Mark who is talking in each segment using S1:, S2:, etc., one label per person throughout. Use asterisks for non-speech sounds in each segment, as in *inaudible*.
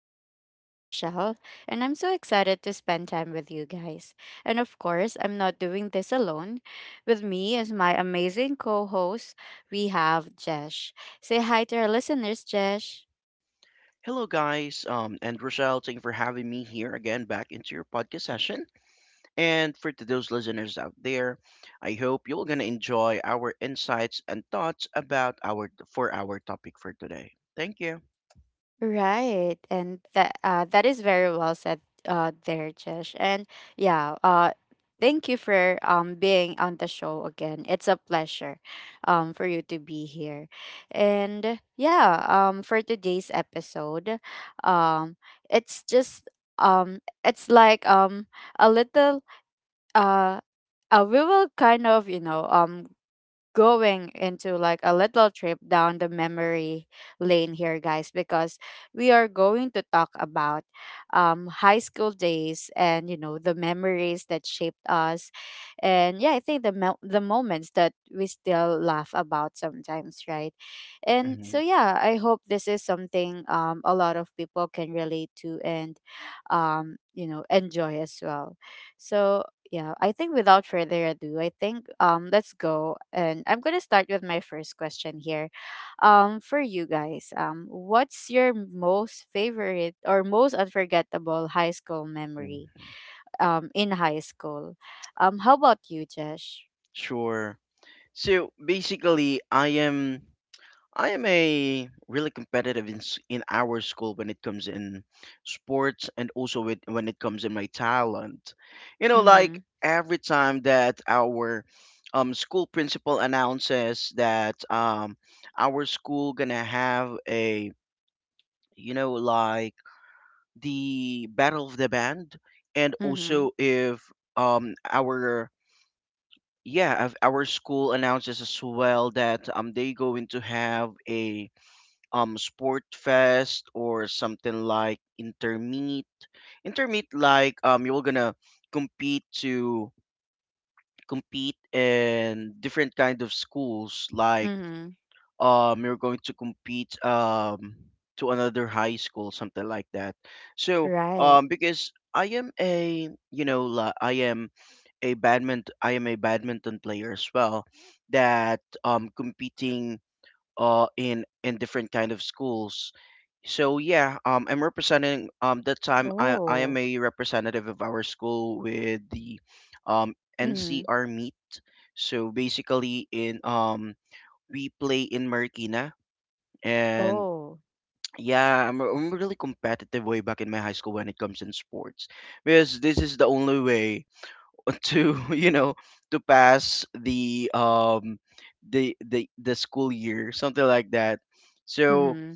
S1: your host, Rochelle, and I'm so excited to spend time with you guys. And of course, I'm not doing this alone. With me is my amazing co host, we have Jesh. Say hi to our listeners, Jesh.
S2: Hello, guys, and Rochelle. Thank you for having me here again back into your podcast session. And for to those listeners out there, I hope you're gonna enjoy our insights and thoughts about our for our topic for today. Thank you.
S1: Right, and that is very well said, there, Jesh. And yeah, thank you for being on the show again. It's a pleasure, for you to be here, and yeah, for today's episode, um, it's just it's like a little uh, we will kind of going into like a little trip down the memory lane here, guys, because we are going to talk about high school days, and you know, the memories that shaped us. And yeah, I think the moments that we still laugh about sometimes, right? And so
S2: Hmm.
S1: yeah, I hope this is something a lot of people can relate to and enjoy as well. So yeah, I think without further ado, I think let's go, and I'm gonna start with my first question here. For you guys, what's your most favorite or most unforgettable high school memory
S2: Hmm.
S1: in high school? How about you, Jesh?
S2: Sure. So basically, I am a really competitive in our school when it comes in sports and also when it comes in my talent. You know,
S1: Mm-hmm.
S2: like every time that our school principal announces that our school gonna have a you know like the battle of the band, and
S1: Mm-hmm.
S2: also if our yeah if our school announces as well that they going to have a sport fest or something like intermeet like you're gonna compete to compete in different kind of schools like
S1: Mm-hmm.
S2: you're going to compete to another high school something like that so
S1: Right.
S2: because I am a badminton I am a badminton player as well that competing in different kind of schools so yeah, I'm representing that time I am
S1: Oh.
S2: a representative of our school with the
S1: Mm-hmm.
S2: NCR meet. So basically in we play in Marikina and
S1: Oh.
S2: yeah, I'm really competitive way back in my high school when it comes in sports because this is the only way to *laughs* you know to pass the the school year something like that. So
S1: Mm-hmm.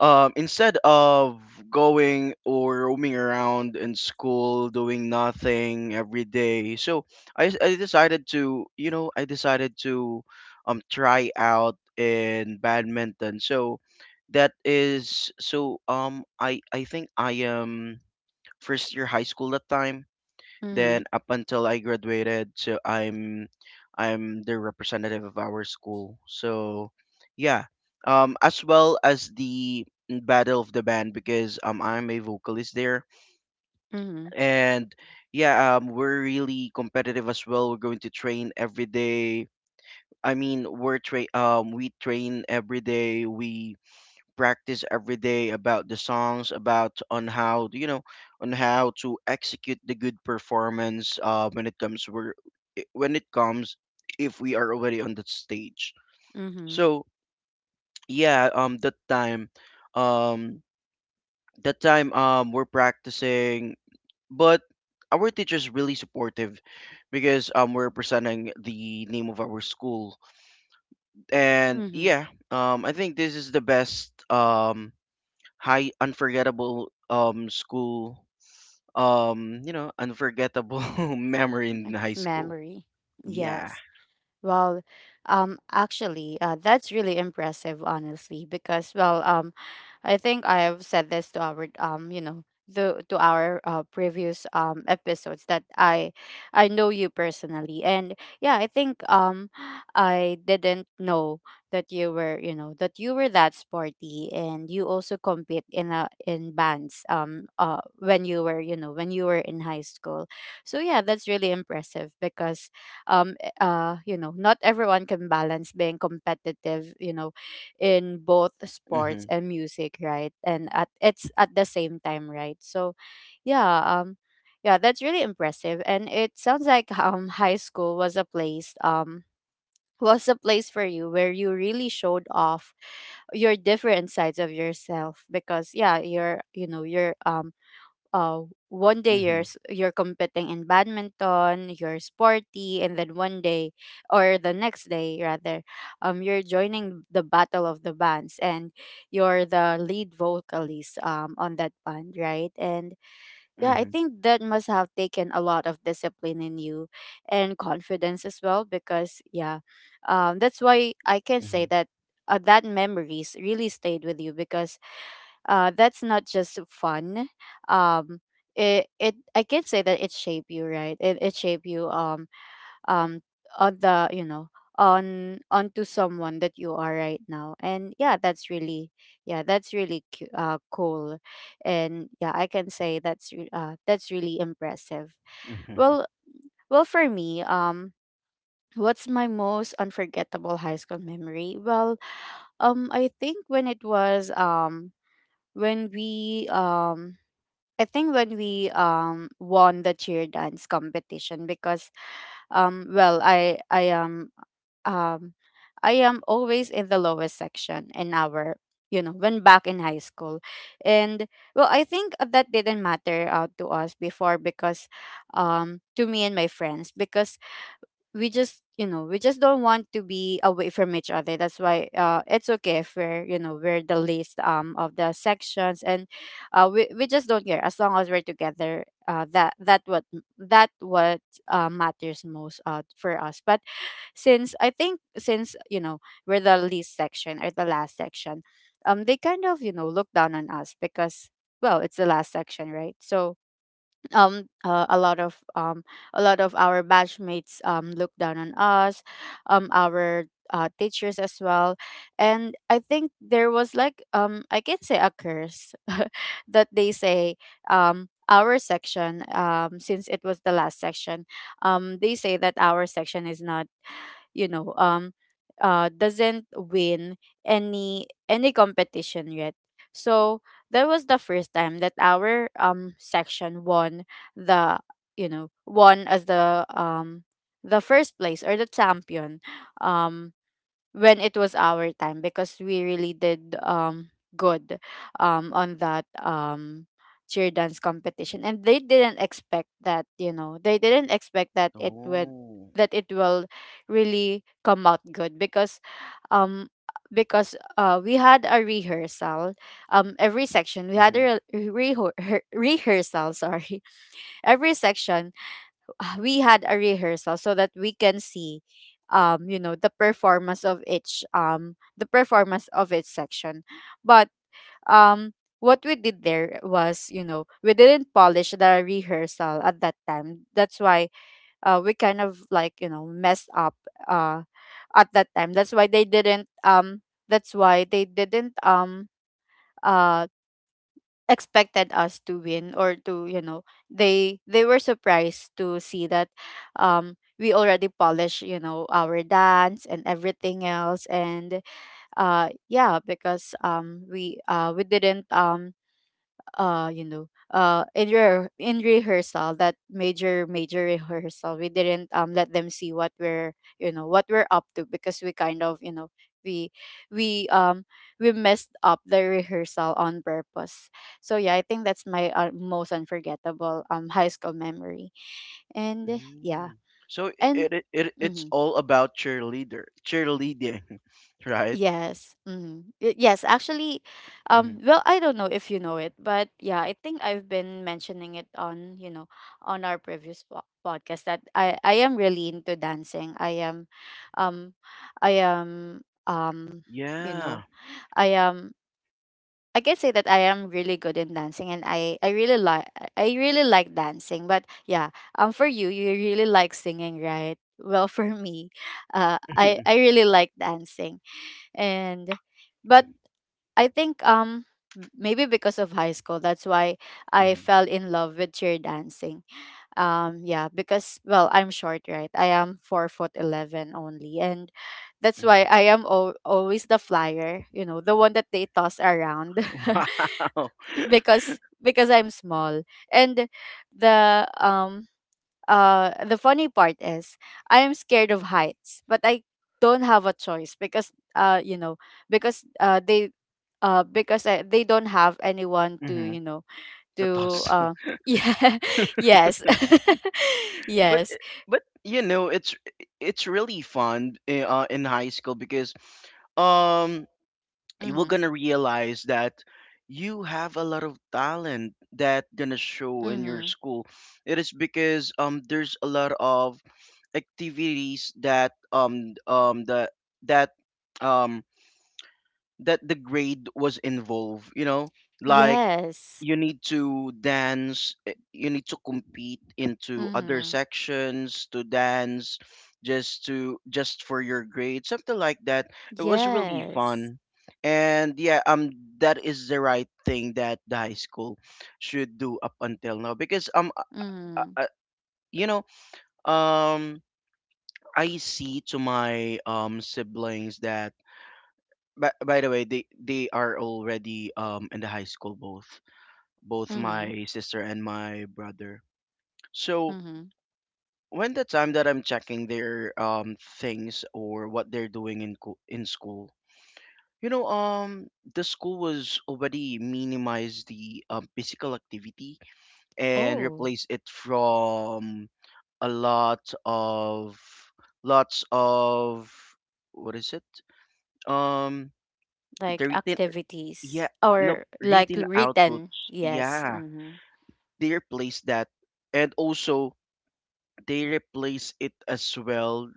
S2: instead of going or roaming around in school doing nothing every day so I decided to I decided to try out in badminton so that is so I think I am first year high school that time
S1: Mm-hmm.
S2: then up until I graduated, so I'm the representative of our school. So yeah, as well as the Battle of the Band because I'm a vocalist there,
S1: Mm-hmm.
S2: and yeah, we're really competitive as well. We're going to train every day. I mean, we train every day. We practice every day about the songs, about on how you know on how to execute the good performance when it comes if we are already on that stage.
S1: Mm-hmm.
S2: So yeah, um, that time, we're practicing, but our teacher's really supportive because we're presenting the name of our school and
S1: Mm-hmm.
S2: yeah I think this is the best high unforgettable school you know unforgettable *laughs* memory in high school.
S1: Memory.
S2: Yeah.
S1: Yes. Well, actually, that's really impressive, honestly, because, well, I think I have said this to our previous episodes that I know you personally, and yeah, I think I didn't know that you were that sporty, and you also compete in a in bands when you were you know when you were in high school. So yeah, that's really impressive because um not everyone can balance being competitive, you know, in both sports
S2: Mhm.
S1: and music, right, and at it's at the same time, right. So yeah, yeah, that's really impressive. And it sounds like high school was a place *laughs* was a place for you where you really showed off your different sides of yourself, because yeah, you're you know you're uh, one day you're
S2: Mhm.
S1: you're competing in badminton, you're sporty, and then one day or the next day rather, you're joining the battle of the bands, and you're the lead vocalist on that band, right? And yeah, I
S2: Mhm.
S1: think that must have taken a lot of discipline in you, and confidence as well, because yeah, that's why I can say
S2: Mhm.
S1: that. That memories really stayed with you, because that's not just fun. Um, it, it I can say that it shape you, right? It shape you um on the you know on onto someone that you are right now, and yeah, that's really cool, and yeah, I can say that's really impressive.
S2: Mhm.
S1: Well, for me, what's my most unforgettable high school memory? Well, I think when it was when we I think when we won the cheer dance competition, because well, um I am always in the lowest section in our, when, back in high school. And well, I think that didn't matter out to us before, because to me and my friends, because we just don't want to be away from each other. That's why it's okay if we're you know we're the least of the sections. And we just don't care as long as we're together. That that what matters most for us. But since I think since you know we're the least section or the last section, they kind of, look down on us, because, well, it's the last section, right? So um uh, a lot of um a lot of our batchmates look down on us, our teachers as well. And I think there was like, I can say, a curse *laughs* that they say our section, since it was the last section, they say that our section is not, you know um doesn't win any competition yet. So that was the first time that our section won the you know won as the first place or the champion, um when it was our time, because we really did good on that cheer dance competition. And they didn't expect that it would
S2: Oh.
S1: that it will really come out good. Because um we had a rehearsal, every section we had
S2: Mhm.
S1: a re- rehear- rehearsal, sorry. *laughs* Every section, we had a rehearsal, so that we can see the performance of each section. But um what we did there was we didn't polish the rehearsal at that time, that's why we kind of like, messed up uh at that time. That's why they didn't uh expected us to win, or to, they were surprised to see that we already polish, you know, our dance and everything else. And yeah, because we didn't, uh you know in rehearsal, that major rehearsal, we didn't let them see what we're up to, because we kind of, we we um we messed up the rehearsal on purpose. So yeah, I think that's my most unforgettable high school memory. And yeah.
S2: Mhm. So
S1: And
S2: it's
S1: mhm.
S2: all about cheerleader cheerleading *laughs* right.
S1: Yes. Mm. Yes, actually,
S2: Mhm.
S1: well, I don't know if you know it, but yeah, I think I've been mentioning it on, you know, on our previous podcast that I am really into dancing. Um, I am, um, you
S2: Yeah.
S1: know, I am. I can say that I am really good in dancing, and I really like dancing. But yeah, for you, you really like singing, right? Well, *laughs* for me,
S2: *laughs*
S1: I
S2: Mhm.
S1: I really like dancing. And but I think maybe because of high school, that's why I fell in love with cheer dancing. Yeah, because, well, I'm short, right? I am 4'11" only, and that's why
S2: Mhm.
S1: I am always the flyer, you know, the one that they toss around.
S2: Wow.
S1: *laughs* Because I'm small. And the um the funny part is, I am scared of heights, but I don't have a choice, because you know because they because they don't have anyone
S2: *laughs*
S1: to,
S2: Mhm. Totoo.
S1: to uh *laughs* yeah. Yes. *laughs*
S2: but
S1: Yes.
S2: eh, but you know it's really fun in high school because um you were
S1: Mhm.
S2: gonna realize that you have a lot of talent that gonna show in your
S1: Mhm.
S2: school. It is because there's a lot of activities that the that um that the grade was involved you know like
S1: Yes.
S2: you need to dance you need to compete into other
S1: Mhm.
S2: sections to dance just for your grade something like that. It was really
S1: Yes.
S2: fun and yeah that is the right thing that the high school should do up until now because
S1: Mhm.
S2: uh, uh, you know um I see to my siblings that by the way they are already in the high school both
S1: Mhm.
S2: my sister and my brother. So
S1: Mhm.
S2: when the time that I'm checking their things or what they're doing in school, you know, the school was already minimized the physical activity and
S1: Oh.
S2: replaced it from a lot of lots of what is it? Um, the
S1: Like
S2: written
S1: activities,
S2: yeah no
S1: or like
S2: written
S1: written.
S2: outputs
S1: Yes.
S2: yeah
S1: Mhm.
S2: they replaced that and also they replace it as well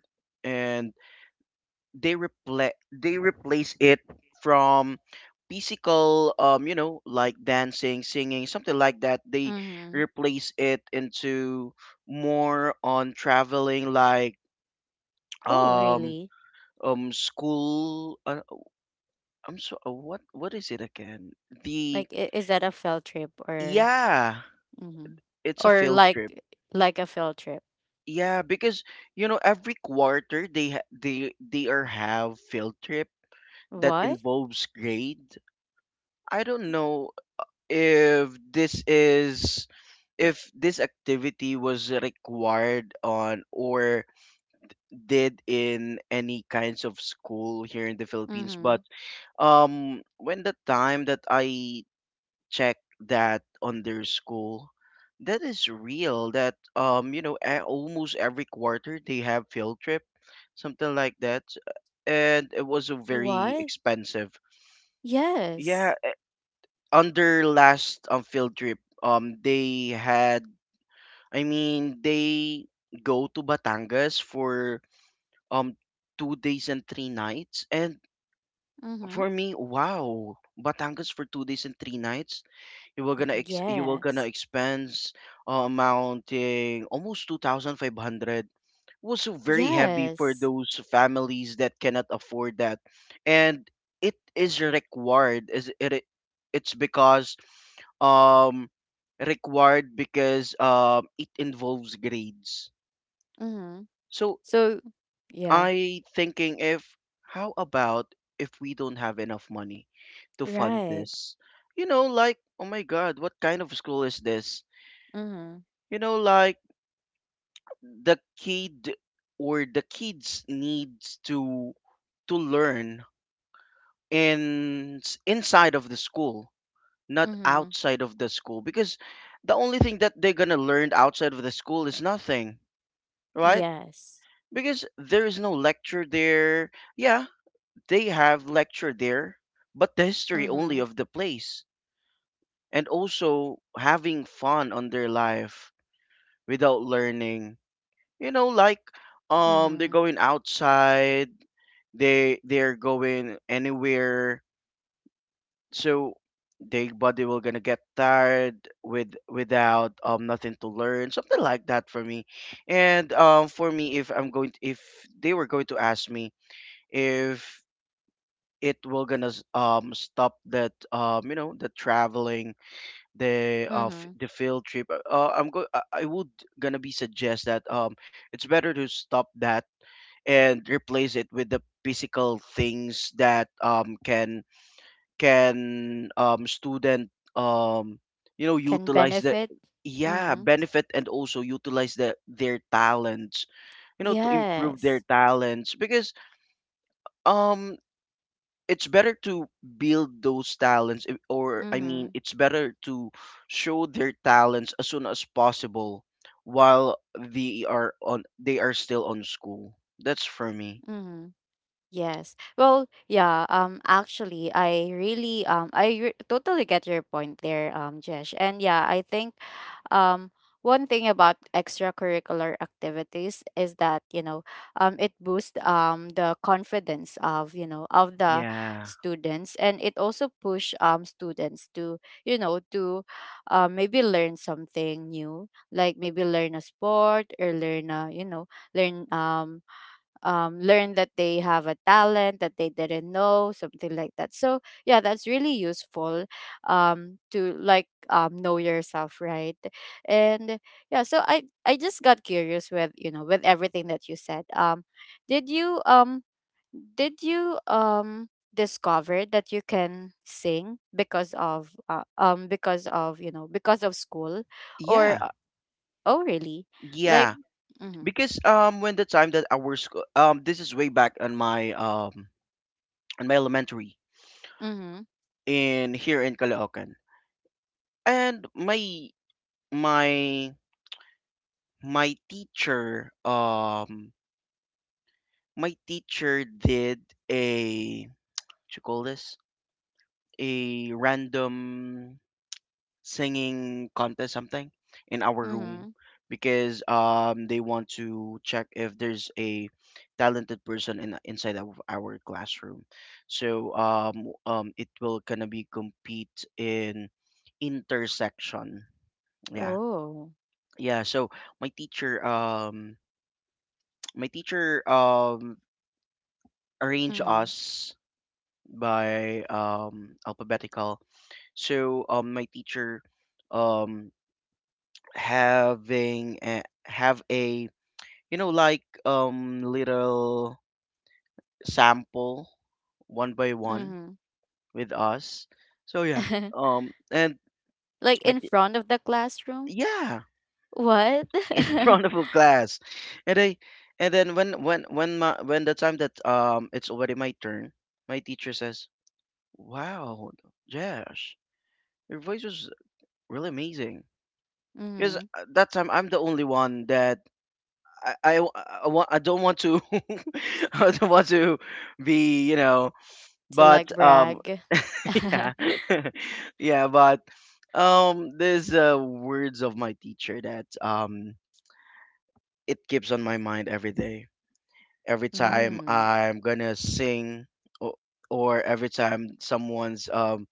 S2: and they replace it from physical you know like dancing singing something like that they
S1: Mhm.
S2: replace it into more on traveling like
S1: Oh,
S2: um
S1: really?
S2: school I'm so what is it again the
S1: Like, is that a field trip, or,
S2: yeah
S1: hmm,
S2: it's a
S1: or
S2: field trip.
S1: like, a field trip?
S2: Yeah because you know every quarter they are have field trip that
S1: What?
S2: involves grade. I don't know if this is if this activity was required on or did in any kinds of school here in the Philippines
S1: Mm-hmm.
S2: but when the time that I checked that on their school that is real that you know almost every quarter they have field trip something like that and it was a very
S1: What?
S2: expensive. yeah,
S1: Yes.
S2: eh, on their last field trip, they had I mean, they go to Batangas for um 2 days and 3 nights. And
S1: Mm-hmm.
S2: for me, wow, Batangas for 2 days and 3 nights. You were gonna
S1: Yes.
S2: expense amounting almost 2,500. Was very heavy for
S1: Yes.
S2: those families that cannot afford that, and it is required. Is it? It's because um required because it involves grades.
S1: Mm-hmm.
S2: So
S1: So, yeah.
S2: I thinking if how about if we don't have enough money to fund
S1: Right.
S2: this? You know, like oh my god, what kind of school is this?
S1: Mm-hmm.
S2: You know, like the kid or the kids needs to learn in inside of the school, not
S1: Mm-hmm.
S2: outside of the school because the only thing that they're going to learn outside of the school is nothing, right?
S1: Yes.
S2: Because there is no lecture there. Yeah, they have lecture there, but the history
S1: Mm-hmm.
S2: only of the place, and also having fun on their life without learning. You know, like they're
S1: Mm-hmm.
S2: going outside, they're going anywhere. So their body will gonna get tired without nothing to learn something like that for me. And for me if I'm going to, if they were going to ask me if it will gonna stop that you know the traveling
S1: Mm-hmm.
S2: the field trip I'm go I would gonna be suggest that it's better to stop that and replace it with the physical things that can student um you know
S1: Can
S2: utilize the
S1: benefit.
S2: yeah
S1: Mm-hmm.
S2: benefit and also utilize the their talents you know to improve their
S1: Yes.
S2: talents because um it's better to build those talents I- or I
S1: Mm-hmm.
S2: mean it's better to show their talents as soon as possible while they are on they are still on school that's for me.
S1: Mm-hmm. Yes. Well, yeah, actually I really I re- totally get your point there, Jesh. And yeah, I think um one thing about extracurricular activities is that, you know, it boosts the confidence of, you know, of the
S2: Yeah.
S1: students, and it also push students to, you know, to maybe learn something new, like maybe learn a sport, or learn a, you know, learn um learn that they have a talent that they didn't know, something like that. So yeah, that's really useful, to like, know yourself, right? And yeah, so I just got curious with everything that you said. Did you um did you discover that you can sing because of because of school, or
S2: Yeah.
S1: oh, really? Like,
S2: Yeah
S1: mm-hmm,
S2: because when the time that our school this is way back on my elementary
S1: mm-hmm,
S2: in here in Caloocan and my my teacher um my teacher did a you call this a random singing contest something in our room
S1: mm-hmm.
S2: because they want to check if there's a talented person in inside of our classroom so it will gonna be compete in intersection. Yeah.
S1: Oh.
S2: Yeah so my teacher *tsk* my teacher arrange
S1: Mhm,
S2: us by alphabetical. So my teacher um, having have a you know like little sample one by one
S1: mhm.
S2: with us. So yeah,
S1: *laughs*
S2: and
S1: Like
S2: my
S1: in
S2: t-
S1: front of the classroom?
S2: yeah
S1: What?
S2: *laughs* in front
S1: *laughs*
S2: of a class, and I and then when my when the time that it's already my turn, my teacher says, "Wow, Josh, your voice was really amazing." Because
S1: Mhm.
S2: that time I'm the only one that I want I don't want to *laughs* I don't want to be you know
S1: To like
S2: but
S1: brag. *laughs*
S2: *laughs* yeah *laughs* yeah but there's words of my teacher that it keeps on my mind every day every time
S1: Mhm,
S2: I'm gonna sing or, or every time someone's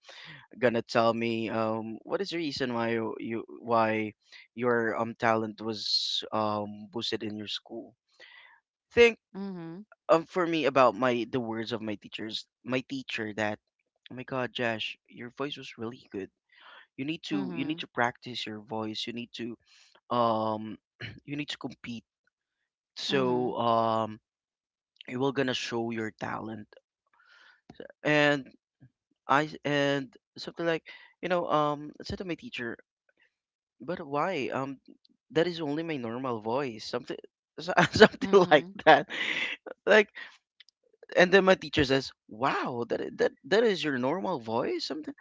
S2: gonna tell me what is the reason why you why your talent was boosted in your school think
S1: mhm,
S2: for me about my the words of my teacher that oh my god Josh your voice was really good you need
S1: mhm,
S2: to practice your voice you need to um *clears throat* you need to compete so
S1: mhm,
S2: you will gonna show your talent and I and something like you know I said to my teacher But why? That is only my normal voice. Something, *laughs* something like
S1: mhm,
S2: that. Like, and then my teacher says, "Wow, that is your normal voice." Something,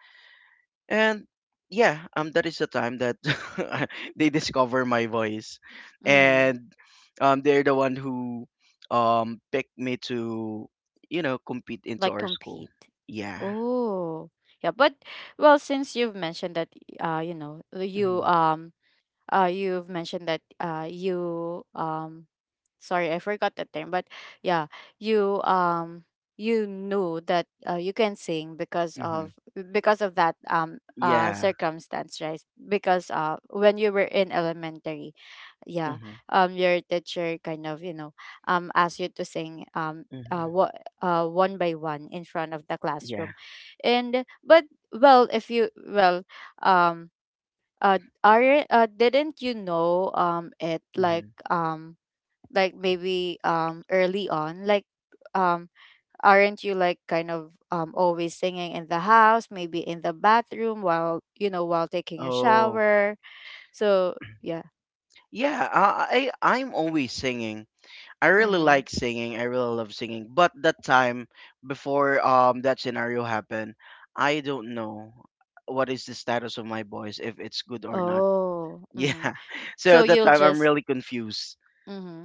S2: and yeah, that is the time that *laughs* they discover my voice,
S1: mhm.
S2: and they're the one who picked me to, you know, compete into
S1: Like
S2: our school.
S1: compete.
S2: Yeah.
S1: Oh, yeah. But well, since you've mentioned that, uh, you know, you
S2: Hmm.
S1: um, you sorry, I forgot the term. But yeah, you um you knew that, you can sing because
S2: Hmm.
S1: of that
S2: Yeah.
S1: circumstance, right? Because when you were in elementary, yeah,
S2: Hmm.
S1: your teacher kind of, asked you to sing,
S2: Hmm.
S1: what, one by one, in front of the
S2: Yeah.
S1: classroom. And but well, if you, well, um uh are, didn't you know, it like,
S2: Hmm.
S1: like maybe, early on, like, um aren't you like kind of, always singing in the house, maybe in the bathroom while, while taking a
S2: Oh.
S1: shower? So yeah.
S2: Yeah, I I'm always singing. I really
S1: Mm-hmm.
S2: like singing. I really love singing. But that time before that scenario happened, I don't know what is the status of my voice, if it's good or not.
S1: Oh,
S2: Yeah.
S1: mm-hmm.
S2: *laughs* So
S1: so
S2: that
S1: you'll
S2: time I'm
S1: just
S2: really confused.
S1: Mm-hmm.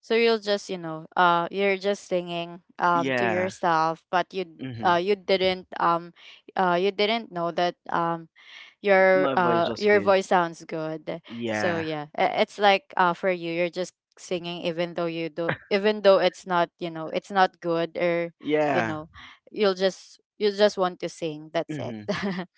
S1: So you'll just, you're just singing, to
S2: Yeah.
S1: yourself, but you,
S2: Hmm.
S1: uh you didn't um you didn't know that, your
S2: My voice
S1: uh
S2: was
S1: your
S2: good.
S1: voice sounds good. So
S2: Yeah.
S1: yeah, it's like, for you, you're just singing, even though you do, even though it's not, it's not good, or, you
S2: Yeah.
S1: know you just want to sing, that's it.
S2: Hmm.
S1: *laughs*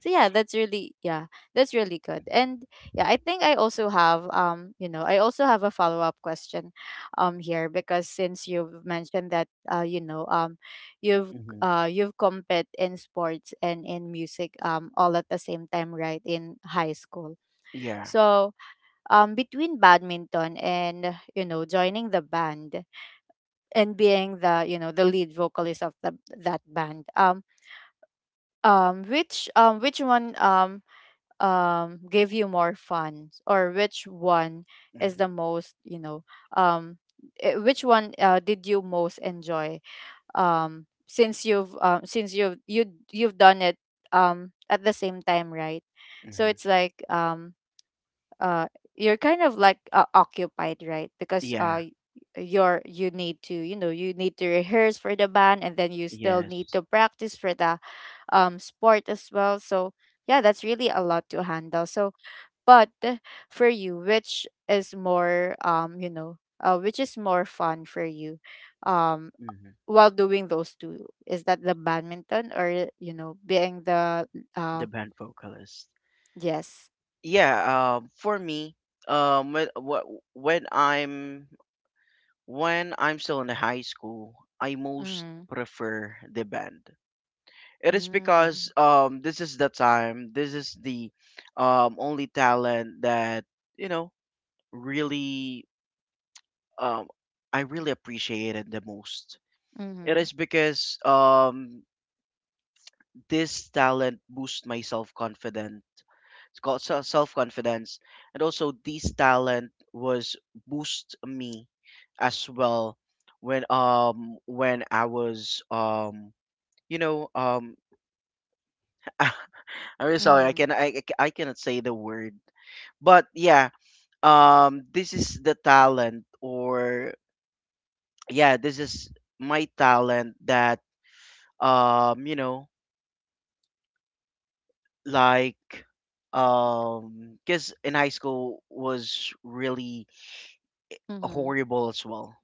S1: So yeah, that's really, yeah, that's really good. And yeah, I think I also have you know I also have a follow-up question, here, because since you've mentioned that, you've
S2: Hmm.
S1: you've competed in sports and in music, all at the same time, right, in high school.
S2: *laughs* Yeah.
S1: So, between badminton and, joining the band, and being the lead vocalist of that band, which one, gave you more fun, or which one
S2: Hmm.
S1: is the most, um, which one, did you most enjoy, since you've you you've done it, at the same time, right? So
S2: Hmm.
S1: it's like, uh you're kind of like, occupied, right? Because
S2: Yeah.
S1: you need to rehearse for the band, and then you still need
S2: Yes.
S1: to practice for the, sport as well. So yeah, that's really a lot to handle. So but, for you, which is more, which is more fun for you, um
S2: Hmm.
S1: while doing those two? Is that the badminton, or, being the, uh
S2: The band vocalist.
S1: yes.
S2: Yeah, for me, um when wh- when i'm when I'm still in the high school, I most
S1: Mhm.
S2: prefer the band. It is
S1: Mm.
S2: because this is the only talent that you know really um I really appreciated the most. It
S1: Mhm.
S2: is because this talent boosts my self confidence, it's called self confidence. And also this talent was boost me as well when I was you know um *laughs* I'm really sorry, I
S1: Mhm.
S2: can I cannot say the word. But yeah, this is the talent, or yeah, this is my talent that um you know like because in high school was really
S1: Mm-hmm.
S2: horrible as well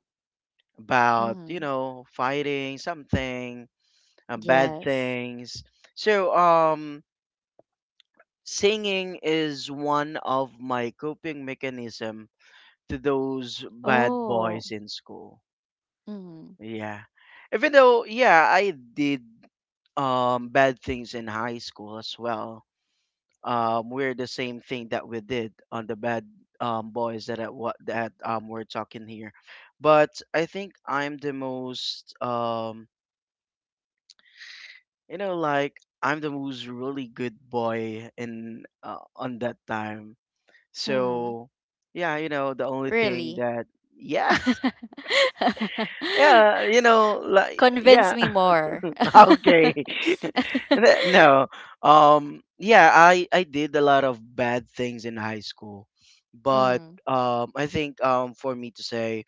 S2: about
S1: Mm-hmm.
S2: fighting something, bad
S1: Yes.
S2: things. So singing is one of my coping mechanism to those bad
S1: Oh.
S2: boys in school.
S1: Mm-hmm.
S2: Yeah, even though yeah, I did bad things in high school as well. We're the same thing that we did on the bad boys that at what that we're talking here. But I think I'm the most like I'm the most really good boy in on that time.
S1: Mm-hmm.
S2: So yeah, the only thing
S1: Really?
S2: that
S1: *laughs*
S2: yeah, *laughs* yeah, like
S1: Convince
S2: yeah,
S1: me more.
S2: *laughs*
S1: *laughs*
S2: okay, *laughs* no, yeah, I did a lot of bad things in high school, but
S1: Mm-hmm.
S2: I think for me to say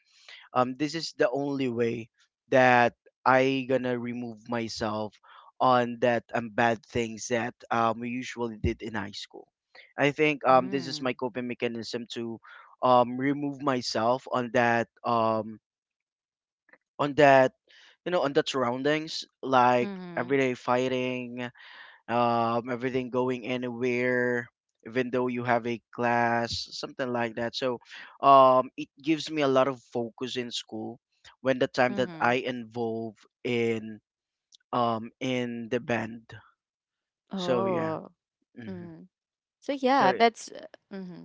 S2: this is the only way that I gonna remove myself on that bad things that we usually did in high school. I think this is
S1: Mm.
S2: my coping mechanism to remove myself on that on that on that surroundings, like
S1: Mm-hmm.
S2: everyday fighting, everything going anywhere, even though you have a class, something like that. So it gives me a lot of focus in school when the time that
S1: Mm-hmm.
S2: I involve in in the band. So yeah,
S1: Oh.
S2: hmm
S1: Mm-hmm. So yeah,
S2: so
S1: that's Mm-hmm.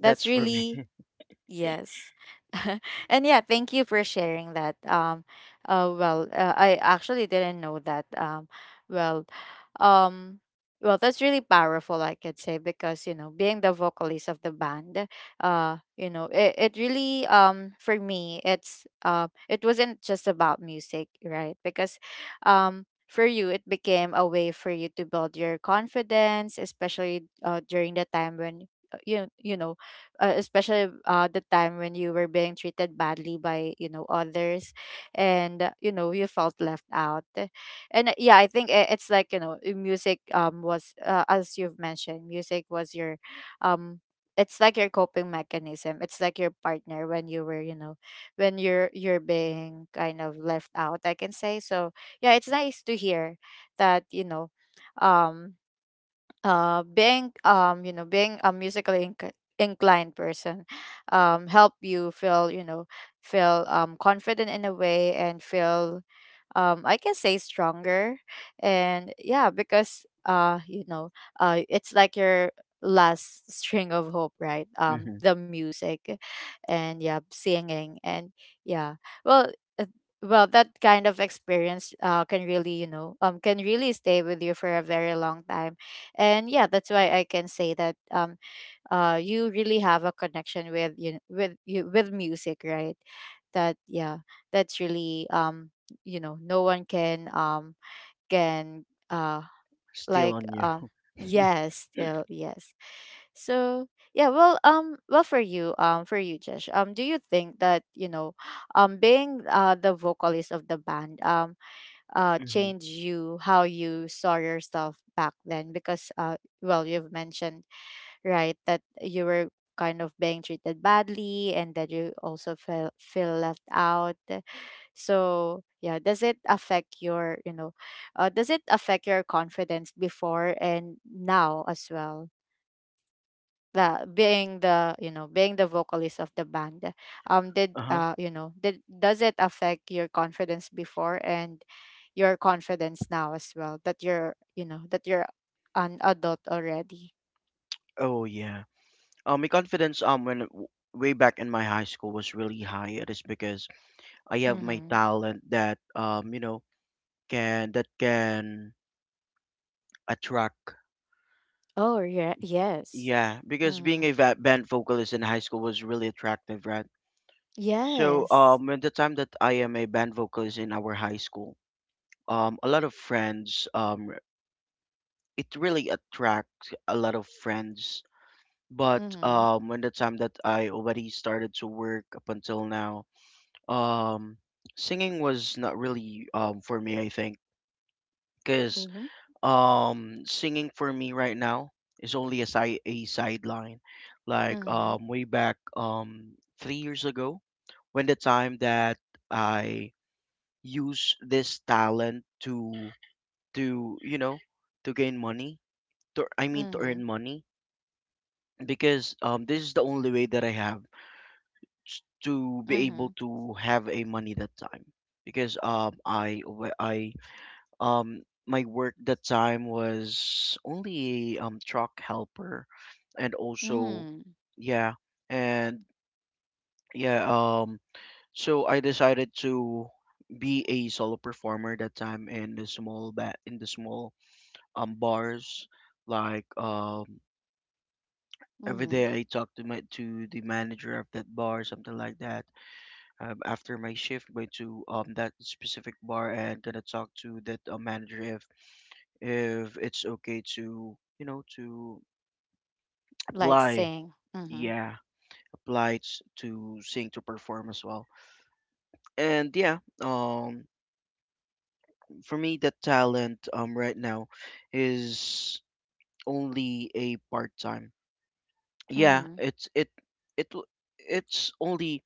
S2: that's
S1: That's
S2: for me.
S1: really, yes. *laughs* And yeah, thank you for sharing that. I actually didn't know that. Well, um, well, that's really powerful, I could say, because, being the vocalist of the band, it really, for me, it wasn't just about music, right? Because, for you, it became a way for you to build your confidence, especially during the time when, uh, you you know especially the time when you were being treated badly by, others, and you felt left out. And yeah, I think it's like, music, was as you've mentioned, music was your, um it's like your coping mechanism, it's like your partner when you were, when you're being kind of left out, I can say. So yeah, it's nice to hear that, um being you know being a musically inclined person, help you feel, feel, confident in a way, and feel, I can say stronger. And yeah, because it's like your last *laughs* string of hope, right,
S2: *laughs*
S1: the music. And yeah, singing. And yeah, well, uh, well, that kind of experience, can really, can really stay with you for a very long time. And yeah, that's why I can say that, you really have a connection with, you with music, right? That, yeah, that's really, no one can, can,
S2: Still
S1: like,
S2: on you. *laughs*
S1: yes, still, yes. So yeah, well, well, for you, for you, Josh, do you think that, being, the vocalist of the band,
S2: Mm-hmm.
S1: change you, how you saw yourself back then? Because well, you've mentioned, right, that you were kind of being treated badly, and that you also feel left out. So yeah, does it affect your, does it affect your confidence before and now as well, the being the, being the vocalist of the band,
S2: Uh-huh.
S1: did, does it affect your confidence before, and your confidence now as well, that you're, that you're an adult already?
S2: Oh yeah. My confidence way back in my high school was really high. It is because I have my
S1: Mm-hmm.
S2: talent that can that can attract.
S1: Oh, yeah, yes.
S2: Yeah, because being
S1: Mm-hmm.
S2: a band vocalist in high school was really attractive, right? So,
S1: Yes.
S2: at the time that I am a band vocalist in our high school, a lot of friends, it really attracts a lot of friends. But
S1: Mm-hmm.
S2: when the time that I already started to work up until now, um, singing was not really for me, I think, because
S1: Mm-hmm.
S2: singing for me right now is only a sideline. Like
S1: Mm-hmm.
S2: way back 3 years ago, when the time that I use this talent to to gain money, to I mean to
S1: Mm-hmm.
S2: earn money, because this is the only way that I have to be
S1: Mm-hmm.
S2: able to have a money that time, because I wa- I um my work that time was only a truck helper, and also
S1: Mm-hmm.
S2: yeah, and yeah, so I decided to be a solo performer that time in the small bars, like every
S1: Mm-hmm.
S2: day I talk to my to the manager of that bar, something like that. After my shift, going to that specific bar and gonna talk to that manager if it's okay, to to
S1: Like
S2: apply,
S1: saying. Mm-hmm.
S2: yeah, to sing, to perform as well. And yeah, for me that talent right now is only a part-time. Yeah,
S1: Mm-hmm.
S2: it w- it's only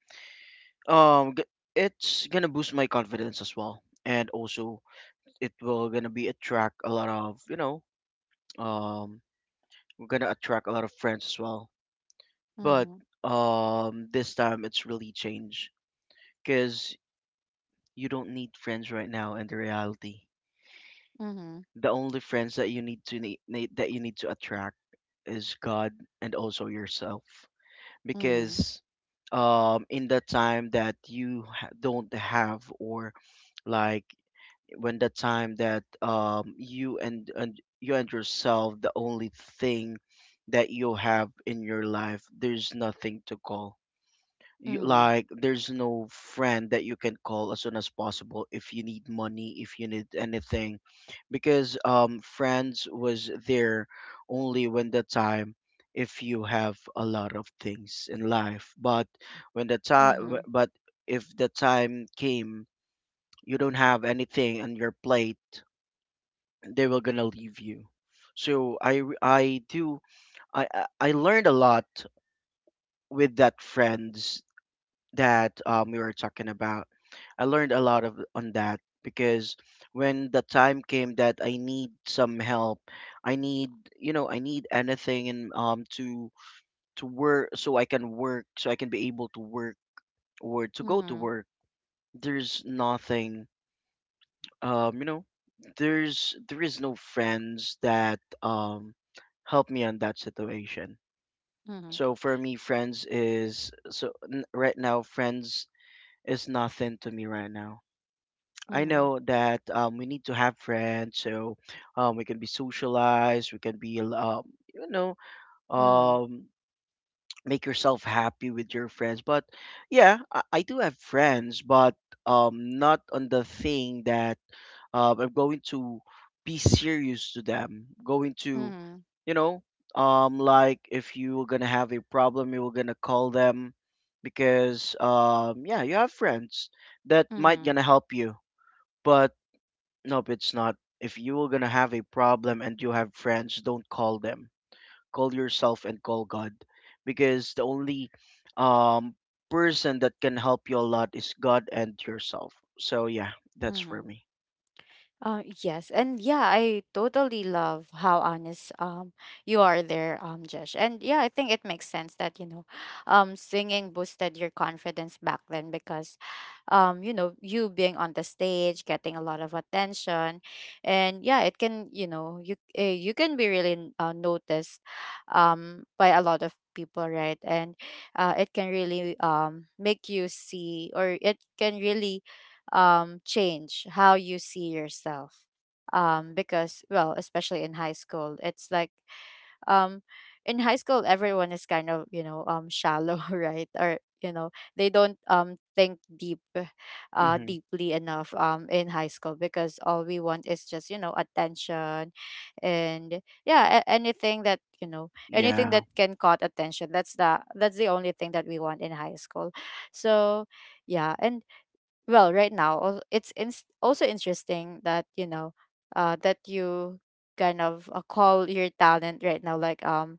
S2: um g- it's gonna boost my confidence as well, and also it will gonna be attract a lot of um we're gonna attract a lot of friends as well. But
S1: Mm-hmm.
S2: this time it's really changed, because you don't need friends right now in the reality.
S1: Mm-hmm.
S2: The only friends that you need that you need to attract is God, and also yourself,
S1: Mm-hmm.
S2: because in the time that you don't have, or like when the time that you and you and yourself, the only thing that you have in your life, there's nothing to call you,
S1: Mm-hmm.
S2: like there's no friend that you can call as soon as possible if you need money, if you need anything, because friends was there only when the time if you have a lot of things in life. But when the time
S1: Mm-hmm.
S2: but if the time came, you don't have anything on your plate, they were gonna leave you. So i i I learned a lot with that friends that we were talking about. I learned a lot of on that, because when the time came that I need some help, I need I need anything, and to work, so I can work, so I can be able to work, or to go to
S1: Mm-hmm.
S2: work. There's nothing, um you know there is no friends that help me on that situation.
S1: Mm-hmm.
S2: So for me, friends is right now, friends is nothing to me right now. I
S1: Mhm,
S2: know that we need to have friends, so we can be socialized. We can be, you know,
S1: mhm,
S2: um, make yourself happy with your friends. But yeah, I do have friends, but not on the thing that I'm going to be serious to them. Going to,
S1: mhm,
S2: you know, like if you were gonna have a problem, you were gonna call them, because yeah, you have friends that might
S1: mhm,
S2: gonna help you, but nope, it's not. If you are gonna have a problem and you have friends, don't call them. Call yourself and call God, because the only um, person that can help you a lot is God and yourself. So yeah, that's for
S1: mhm.
S2: me.
S1: Yes, and yeah, I totally love how honest, you are there, Josh. And yeah, I think it makes sense that, singing boosted your confidence back then, because, you being on the stage, getting a lot of attention, and yeah, it can, you can be really, noticed, by a lot of people, right? And, it can really, make you see, or it can really, change how you see yourself. Because, well, especially in high school, it's like, um, in high school, everyone is kind of, shallow, *laughs* right? Or, they don't, think deep, *sighs*
S2: Hmm.
S1: deeply enough, in high school, because all we want is just, attention. And yeah, anything that, anything
S2: Yeah,
S1: that can caught attention. That's the only thing that we want in high school. So, yeah. And well, right now, it's ins also interesting that, that you kind of, call your talent right now, like,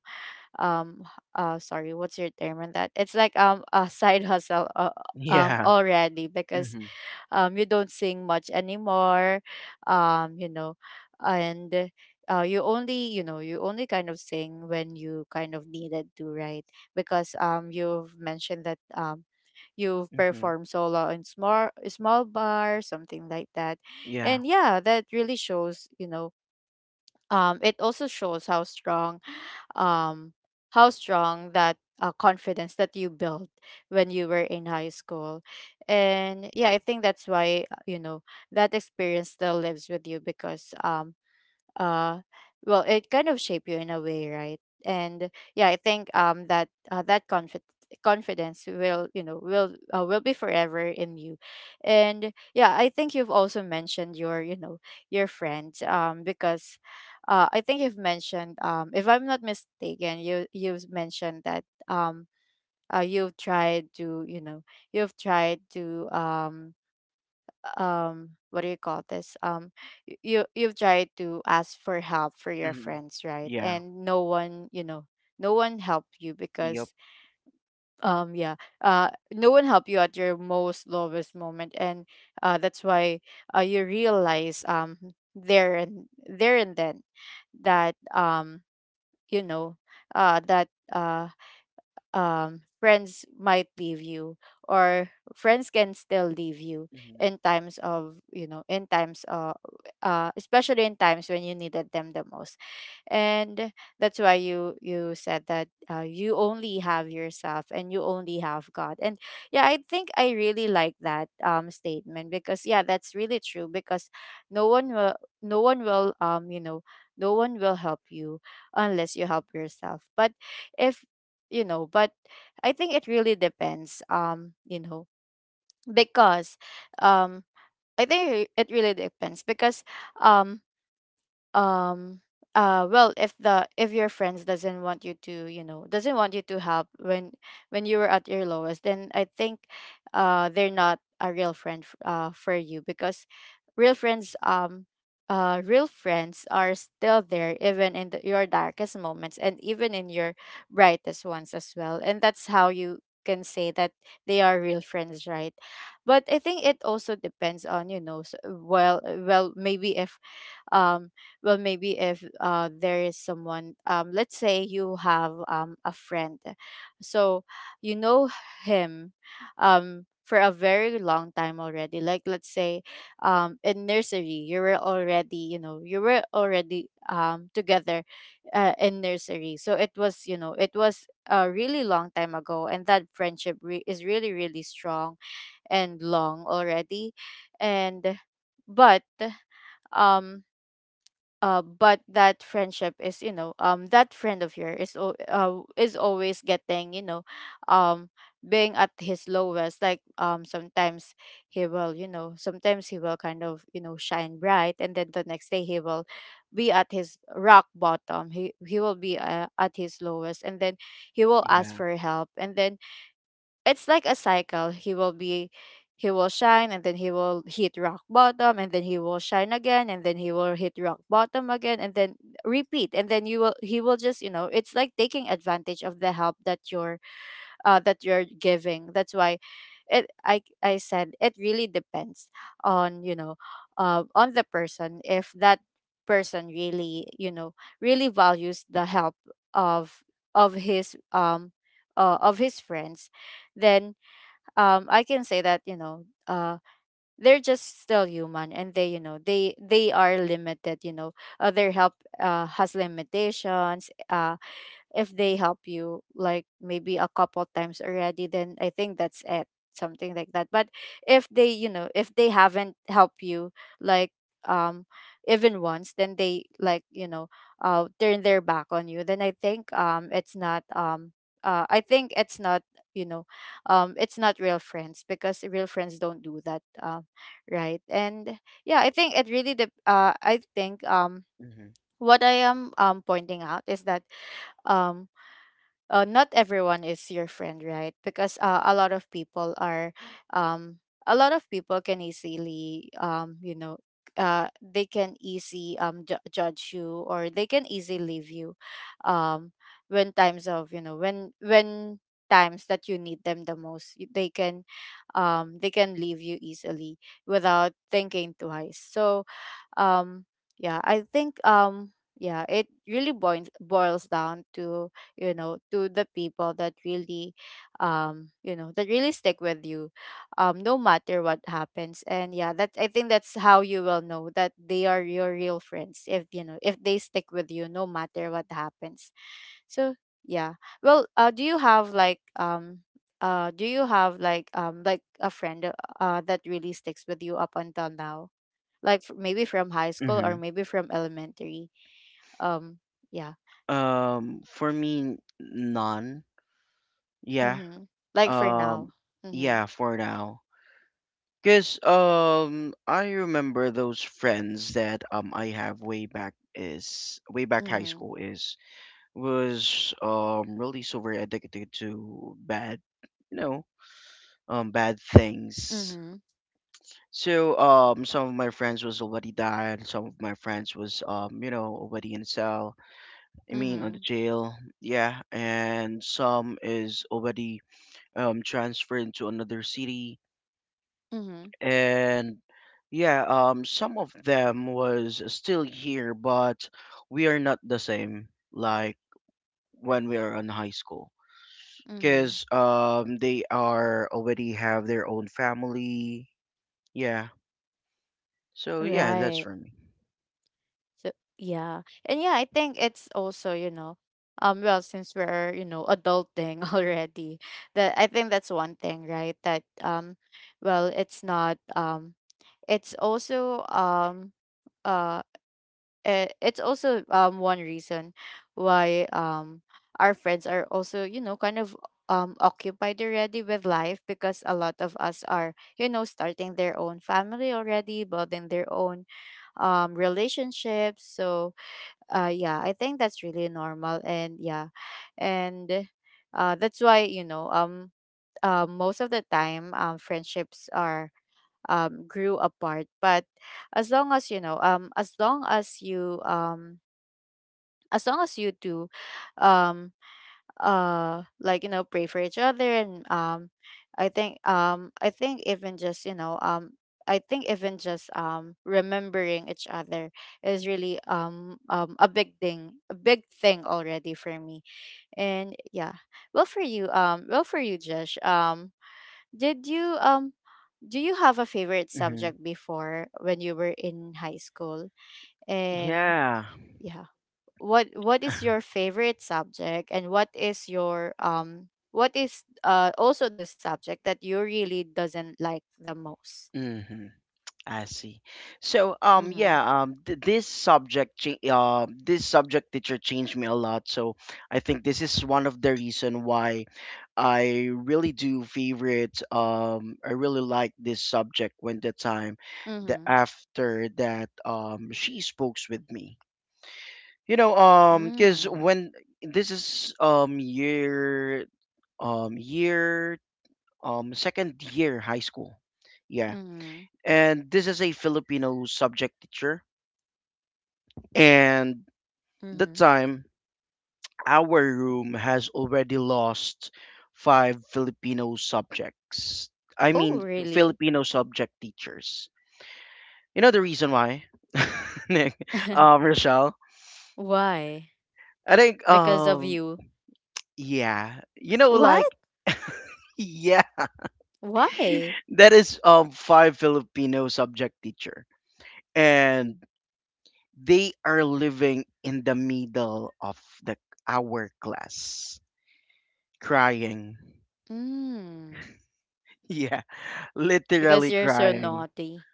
S1: um h- sorry, what's your term on that? It's like, a side hustle,
S2: *laughs* yeah.
S1: already, because,
S2: Hmm.
S1: you don't sing much anymore, um, you know and, you only, you only kind of sing when you kind of needed to, right? Because, you've mentioned that, you've
S2: Hmm.
S1: performed solo in small small bar, something like that.
S2: Yeah.
S1: And yeah, that really shows, it also shows how strong, um, how strong that, confidence that you built when you were in high school. And yeah, I think that's why, that experience still lives with you, because, uh well, it kind of shape you in a way, right? And yeah, I think, that confidence will, will, will be forever in you. And yeah, I think you've also mentioned your, your friends, because, I think you've mentioned, if I'm not mistaken, you've mentioned that, you've tried to, you've tried to, what do you call this, you've tried to ask for help for your
S2: Hmm.
S1: friends, right?
S2: Yeah,
S1: And no one, no one helped you,
S2: yep.
S1: because yeah, no one helped you at your most lowest moment. And that's why, you realize, there and there and then, that, you know uh that uh friends might leave you, or friends can still leave you
S2: Hmm.
S1: in times of, in times, especially in times when you needed them the most. And that's why you, you said that, you only have yourself and you only have God. And yeah, I think I really like that, statement, because yeah, that's really true, because no one will, no one will um you know no one will help you unless you help yourself. But if, but I think it really depends, because, um I think it really depends, because, um um well, if the, if your friends doesn't want you to, doesn't want you to help, when you were at your lowest, then I think, they're not a real friend for you, because real friends, real friends are still there, even in the, your darkest moments, and even in your brightest ones as well. And that's how you can say that they are real friends, right? But I think it also depends on, well, well, maybe if, um well, maybe if, there is someone, let's say you have, a friend. So you know him, for a very long time already, like, let's say, in nursery, you were already, you were already, together, in nursery, so it was, it was a really long time ago, and that friendship is really really strong and long already. And but, um but that friendship is, that friend of yours is is always getting, um being at his lowest, like, sometimes he will, sometimes he will kind of, shine bright, and then the next day he will be at his rock bottom, he will be, at his lowest, and then he will ask
S2: Yeah.
S1: for help, and then it's like a cycle. He will shine, and then he will hit rock bottom, and then he will shine again, and then he will hit rock bottom again, and then repeat. And then you will he will just, it's like taking advantage of the help that you're giving. That's why it I said it really depends on, on the person. If that person really, really values the help of his, of his friends, then I can say that, they're just still human, and they, they are limited, their help, has limitations. If they help you like maybe a couple times already, then I think that's it, something like that. But if they, if they haven't helped you, like, um even once, then they, like, turn their back on you, then I think it's not, I think it's not, you know it's not real friends, because real friends don't do that. Right. And yeah, I think it really I think
S2: Hmm.
S1: what I am, pointing out is that um not everyone is your friend, right? Because a lot of people are, um, a lot of people can easily, they can judge you, or they can easily leave you, um, when times of you know when times that you need them the most, they can, they can leave you easily without thinking twice. So um yeah, I think yeah, it really boils down to, to the people that really, that really stick with you, no matter what happens. And yeah, that I think that's how you will know that they are your real friends, if, if they stick with you no matter what happens. So yeah. Well, do you have like, do you have like, like a friend that really sticks with you up until now? Like, maybe from high school, or
S2: Hmm.
S1: maybe from elementary? um yeah.
S2: For me, none. Yeah,
S1: Mhm. Like for now.
S2: um,
S1: Mhm.
S2: yeah, for now. Cause I remember those friends that I have way back is way back high
S1: Mhm.
S2: school is was really super addicted to bad, you know bad things.
S1: Mhm.
S2: So some of my friends was already died, some of my friends was already in cell. I mean on the
S1: Mhm.
S2: jail, yeah, and some is already transferred to another city,
S1: Mhm.
S2: and yeah, some of them was still here, but we are not the same, like when we are in high school,
S1: Mhm.
S2: because they are already have their own family. Yeah, so yeah, that's
S1: Right.
S2: for me.
S1: So yeah. And yeah, I think it's also, well, since we're, adulting *laughs* already, that, I think that's one thing, right? That well, it's not, it's also, uh it's also, one reason why, our friends are also, kind of, occupied already with life, because a lot of us are, starting their own family already, building their own relationships. So yeah, I think that's really normal. And yeah. And that's why, most of the time, friendships are, grew apart. But as long as, as long as you, as long as you do, um like, pray for each other, and I think, I think even just, I think even just, remembering each other is really, a big thing, a big thing already for me. And yeah. Well, for you, well, for you, Josh, did you, do you have a favorite
S2: Hmm.
S1: subject before, when you were in high school? And
S2: Yeah.
S1: yeah. What, is your
S2: *laughs*
S1: favorite subject, and what is your, what is, also the subject that you really doesn't like the most?
S2: Hmm. I see. So,
S1: Mm-hmm.
S2: yeah, this subject, this subject teacher changed me a lot. So, I think this is one of the reason why I really do favorite. I really like this subject when the time, the
S1: Mm-hmm.
S2: after that, she spoke with me. Because
S1: Mm-hmm.
S2: when this is um year, second year high school. Yeah,
S1: Mm-hmm,
S2: and this is a Filipino subject teacher. And that
S1: mm-hmm.
S2: time, our room has already lost five Filipino subjects. I
S1: Oh
S2: mean,
S1: really?
S2: Filipino subject teachers. You know the reason why, *laughs* Nick,
S1: *laughs*
S2: Rochelle.
S1: Why?
S2: I think,
S1: Because of you?
S2: yeah,
S1: What?
S2: like, *laughs* yeah,
S1: Why?
S2: that is five Filipino subject teacher, and they are living in the middle of the hourglass, crying. *laughs*
S1: Mm.
S2: Yeah,
S1: Because
S2: literally
S1: you're so
S2: crying.
S1: naughty.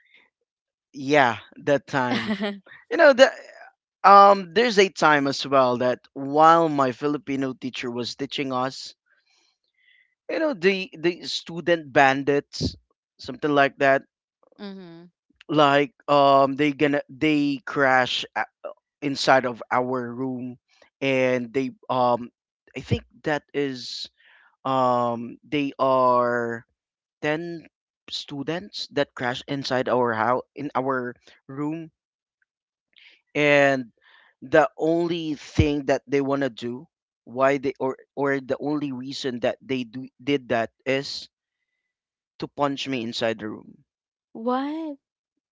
S2: Yeah, that time.
S1: *laughs*
S2: You know, the there's a time as well that while my Filipino teacher was teaching us, the student bandits, something like that,
S1: Mm-hmm.
S2: like they crash inside of our room, and they I think that is they are 10 students that crashed inside our house, in our room. And the only thing that they want to do, why they or the only reason that they did that is to punch me inside the room.
S1: What?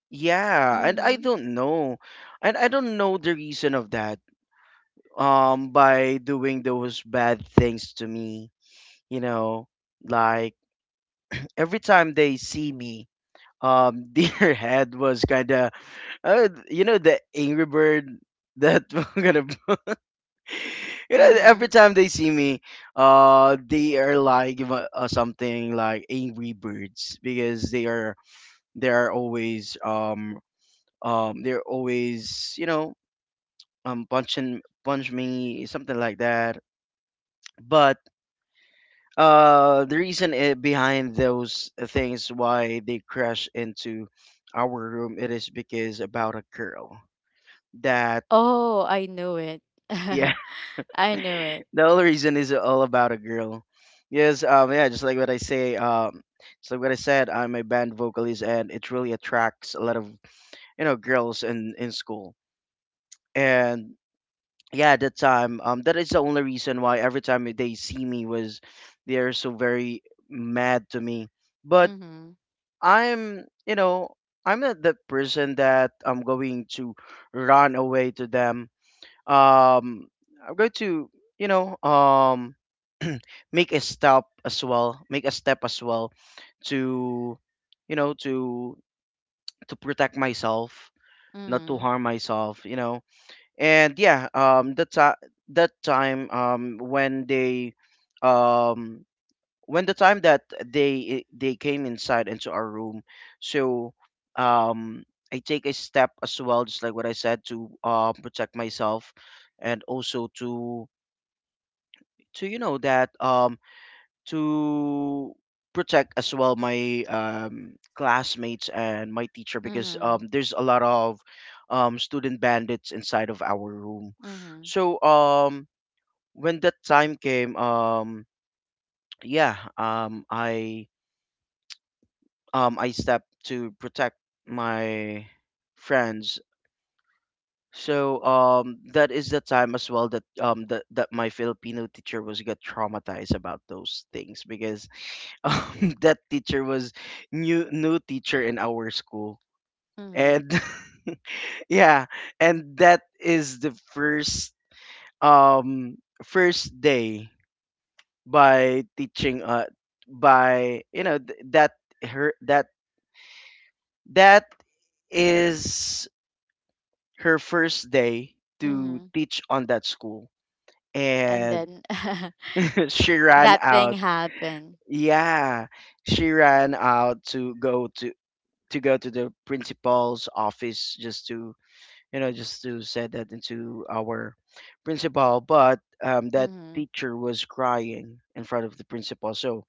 S2: Yeah, and I
S1: Mm-hmm.
S2: don't know. And I don't know the reason of that, by doing those bad things to me, you know, like every time they see me, *laughs* their head was kind of you know, the angry bird that *laughs* we're gonna you know
S1: Mm-hmm.
S2: every time they see me they are like something like angry birds, because they are, they are always they're always punch me, something like that. But the reason I behind those things why they crash into our room, it is because about a girl that.
S1: Oh, I knew it.
S2: Yeah.
S1: *laughs* I
S2: *laughs*
S1: knew it.
S2: The whole reason is all about a girl. Yes. Yeah, just like what I say just like what I said, I'm a band vocalist and it really attracts a lot of, you know, girls in school. And yeah, at that time, that is the only reason why every time they see me was they're so very mad to me. But
S1: Mm-hmm.
S2: I'm, you know, I'm not the person that I'm going to run away to them. um I'm going to, you know, *clears throat* make a step as well, to, you know, to protect myself, not to
S1: Mhm,
S2: harm myself, you know. And yeah, that time, when they um when the time that they came inside into our room, so um I take a step as well, just like what I said, to protect myself, and also to, you know, that to protect as well my classmates and my teacher, because
S1: mhm,
S2: there's a lot of student bandits inside of our room.
S1: mhm,
S2: So when that time came, yeah um i I step to protect my friends. So that is the time as well that that my Filipino teacher was got traumatized about those things, because *laughs* that teacher was new teacher in our school.
S1: mhm,
S2: And *laughs* yeah, and that is the first um first day by teaching by you know th- that her that that is her first day to
S1: mhm.
S2: teach on that school.
S1: And
S2: And
S1: then *laughs*
S2: *laughs* she ran
S1: that thing
S2: out.
S1: happened.
S2: Yeah, she ran out to go to, the principal's office, just to, you know, just to set that into our principal. But that
S1: Mhm,
S2: teacher was crying in front of the principal. So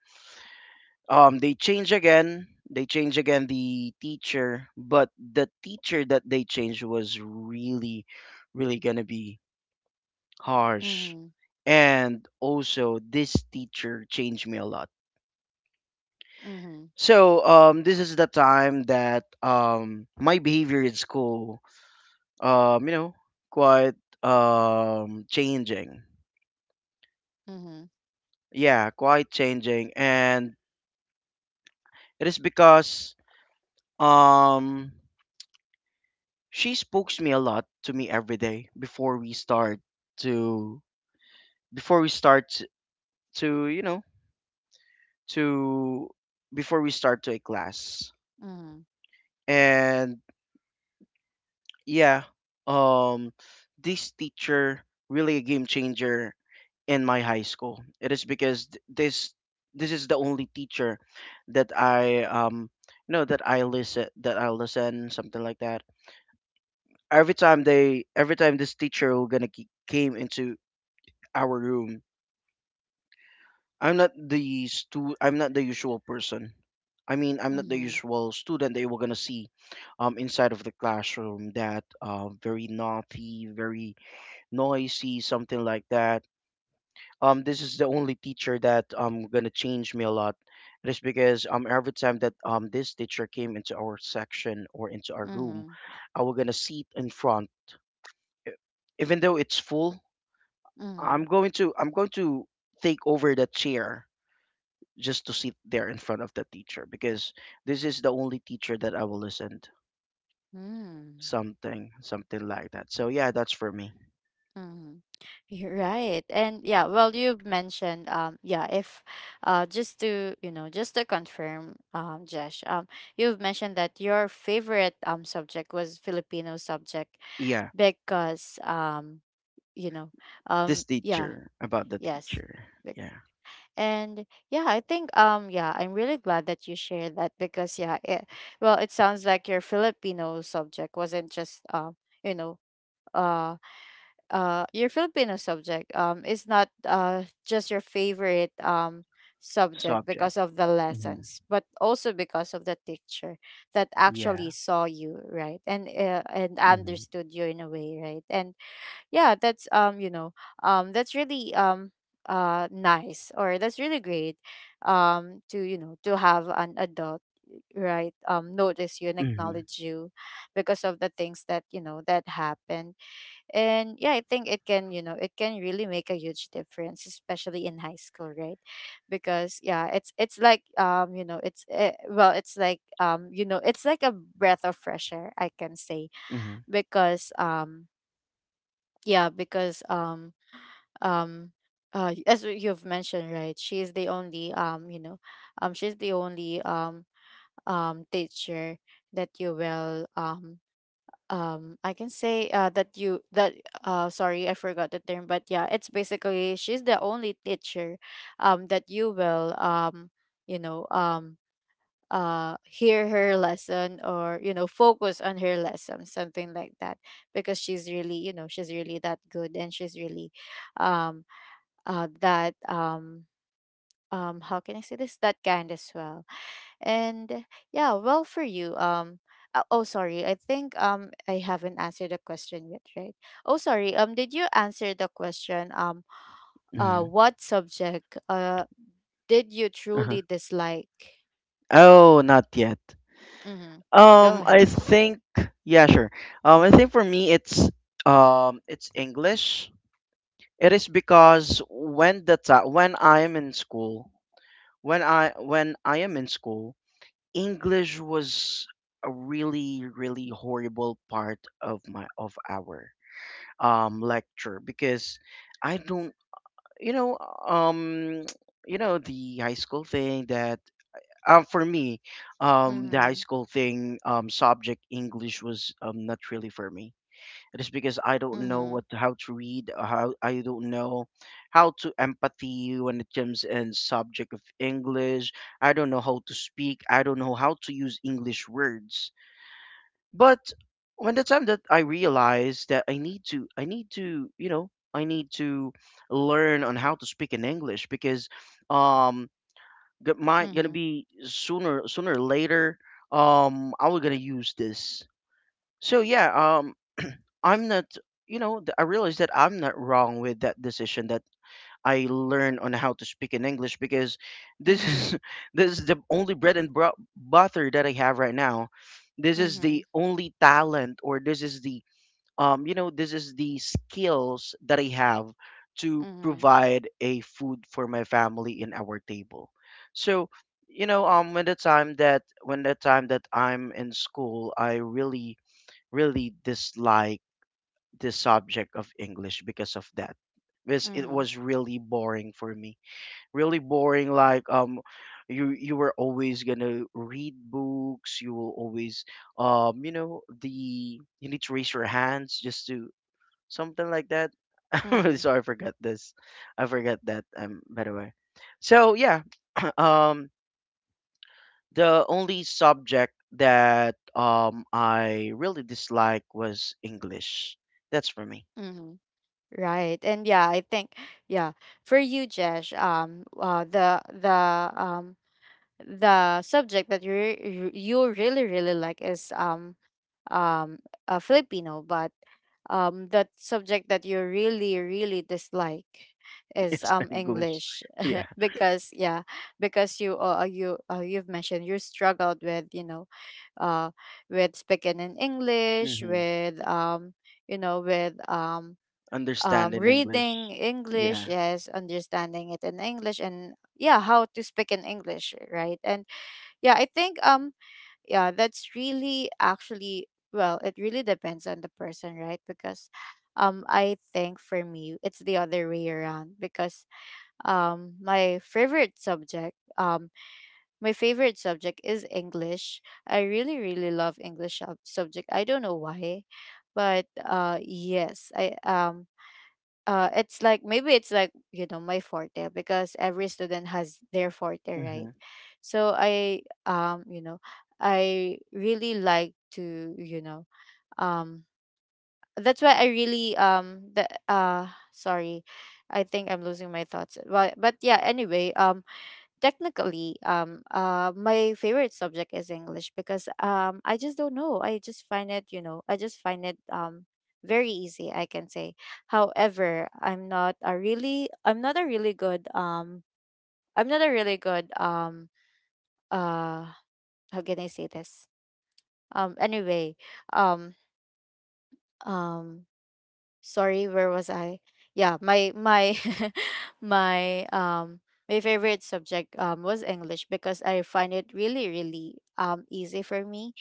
S2: they change again the teacher, but the teacher that they changed was really really gonna be harsh,
S1: mhm,
S2: and also this teacher changed me a lot.
S1: mhm,
S2: So this is the time that my behavior in school, you know, quite changing.
S1: mhm,
S2: Yeah, quite changing, and it is because um, she spoke to me a lot, to me every day before we start to, before we start to you know to before we start to a class.
S1: mhm,
S2: And yeah, um this teacher really a game changer in my high school. It is because this is the only teacher that I you know, that I listen, something like that. Every time this teacher came into our room, I'm not the usual person. I mean, I'm not the
S1: mhm,
S2: usual student that you were gonna see inside of the classroom, that very naughty, very noisy, something like that. This is the only teacher that gonna change me a lot. It is because every time that this teacher came into our section or into our room,
S1: mhm,
S2: I was gonna sit in front, E- even though it's full.
S1: mhm,
S2: I'm going to take over the chair, just to sit there in front of the teacher, because this is the only teacher that I will listen to.
S1: mhm,
S2: Something, something like that. So yeah, that's for me.
S1: mhm. You're right. And yeah, well, you've mentioned, yeah, if, just to, just to confirm, Jesh, you've mentioned that your favorite, subject was Filipino subject
S2: Yeah,
S1: because, you know,
S2: this
S1: yeah.
S2: teacher, about the
S1: Yes.
S2: teacher.
S1: Bec-.
S2: Yeah,
S1: And yeah, I think yeah, I'm really glad that you shared that, because yeah, it, well, it sounds like your Filipino subject wasn't just, you know, uh your Filipino subject is not just your favorite, subject
S2: subject.
S1: because of the
S2: Mhm.
S1: lessons, but also because of the teacher that actually
S2: Yeah.
S1: saw you, right? And
S2: Mhm.
S1: understood you in a way, right? And yeah, that's, that's really, nice, or that's really great, to, to have an adult, right, notice you and
S2: Mhm.
S1: acknowledge you, because of the things that, that happened. And yeah, I think it can, it can really make a huge difference, especially in high school, right? Because yeah, it's like, it's, well, it's like, it's like a breath of fresh air, I can say,
S2: Mhm.
S1: because yeah, because um as you've mentioned, right, she is the only, she's the only, teacher that you will, I can say, that you that, sorry, I forgot the term. But yeah, it's basically she's the only teacher that you will, you know um hear her lesson, or, focus on her lesson, something like that, because she's really, she's really that good, and she's really, um that, how can I say this, that kind as well. And yeah. Well, for you, oh, sorry, I think I haven't answered the question yet, right? Oh sorry, did you answer the question?
S2: Mhm.
S1: What subject, did you
S2: Uh-huh.
S1: truly dislike?
S2: Oh, not yet.
S1: Mm-hmm. Go ahead.
S2: I think yeah, sure. I think for me it's English. It is because when the ti when I am in school, when I am in school, English was a really really horrible part of my of our lecture, because I don't, you know, um you know, the high school thing that for me the high
S1: Mm-hmm.
S2: school thing, subject English was not really for me. It is because I don't know
S1: Mm-hmm.
S2: what how to read, how I don't know how to empathy when it comes in subject of English. I don't know how to speak, I don't know how to use English words. But when the time that I realized that I need to, you know, I need to learn on how to speak in English, because um, my gonna be sooner, or later, I was gonna use this. So yeah, um, I'm not, you know, I realized that I'm not wrong with that decision, that I learn on how to speak in English, because this
S1: Mm-hmm.
S2: is *laughs* this is the only bread and butter that I have right now. This is
S1: Mm-hmm.
S2: the only talent, or this is the you know, this is the skills that I have to
S1: Mm-hmm. Mm-hmm.
S2: provide a food for my family in our table. So, you know, when the time that I'm in school, I really really dislike the subject of English because of that, because it
S1: Mm-hmm.
S2: was really boring for me. Really boring, like you were always gonna read books, you will always you know the you need to raise your hands, just to, something like that. *laughs* I'm really
S1: Mm-hmm.
S2: sorry, I forgot this, I forgot that, by the way. So yeah, *clears throat* um the only subject that I really dislike was English. That's for me.
S1: Mm-hmm. Right. And yeah, I think, yeah, for you Jesh, um the subject that you you really really like is, um a Filipino. But that subject that you really really dislike
S2: *laughs*
S1: is,
S2: It's English.
S1: English,
S2: Yeah.
S1: *laughs* because yeah, because you, you, you've mentioned you struggled with, uh with speaking in English,
S2: Mm-hmm.
S1: with, with
S2: Understanding English.
S1: reading
S2: Yeah.
S1: English, yes, understanding it in English, and yeah, how to speak in English, right? And yeah, I think, yeah, that's really actually, well, it really depends on the person, right? Because I think for me, it's the other way around, because um, my favorite subject um my favorite subject is English. I really really love English subject. I don't know why, but yes, I, it's like, maybe it's like, my forte, because every student has their forte,
S2: Mm-hmm.
S1: right? So I, um you know I really like to, um that's why I really, the sorry, I think I'm losing my thoughts, but yeah, anyway, technically, my favorite subject is English because I just don't know, I just find it, I just find it, very easy, I can say. However, I'm not a really good, I'm not a really good, uh how can I say this, anyway, um um sorry, where was I? Yeah, my *laughs* my, my favorite subject was English because I find it really really, easy for me,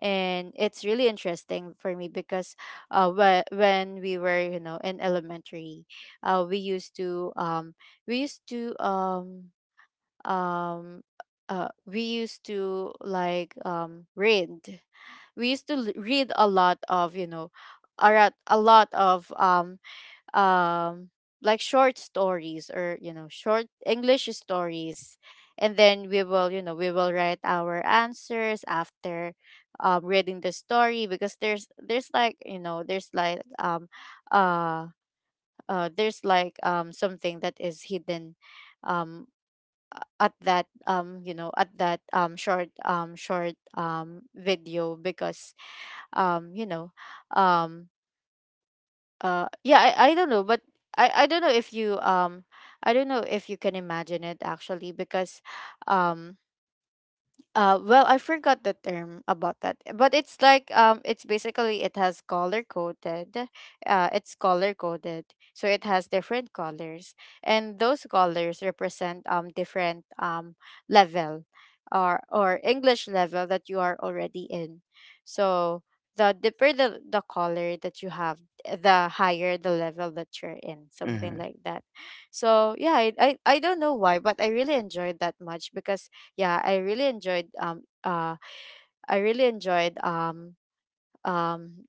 S1: and it's really interesting for me because, when we were, in elementary, we used to, we used to um um we used to like, read, we used to l- read a lot of, a lot of, um like short stories, or, short English stories. And then we will, we will write our answers after, reading the story, because there's like you know there's like uh there's like, something that is hidden, um at that, at that, short, short, video because, um you know um yeah, I don't know, but I don't know if you, I don't know if you can imagine it actually, because um well, I forgot the term about that, but it's like, it's basically it has color coded. It's color coded, so it has different colors, and those colors represent, different, level, or English level that you are already in. So the deeper the color that you have, the higher the level that you're in, something
S2: Mm-hmm.
S1: like that. So yeah, I don't know why, but I really enjoyed that much because yeah I really enjoyed um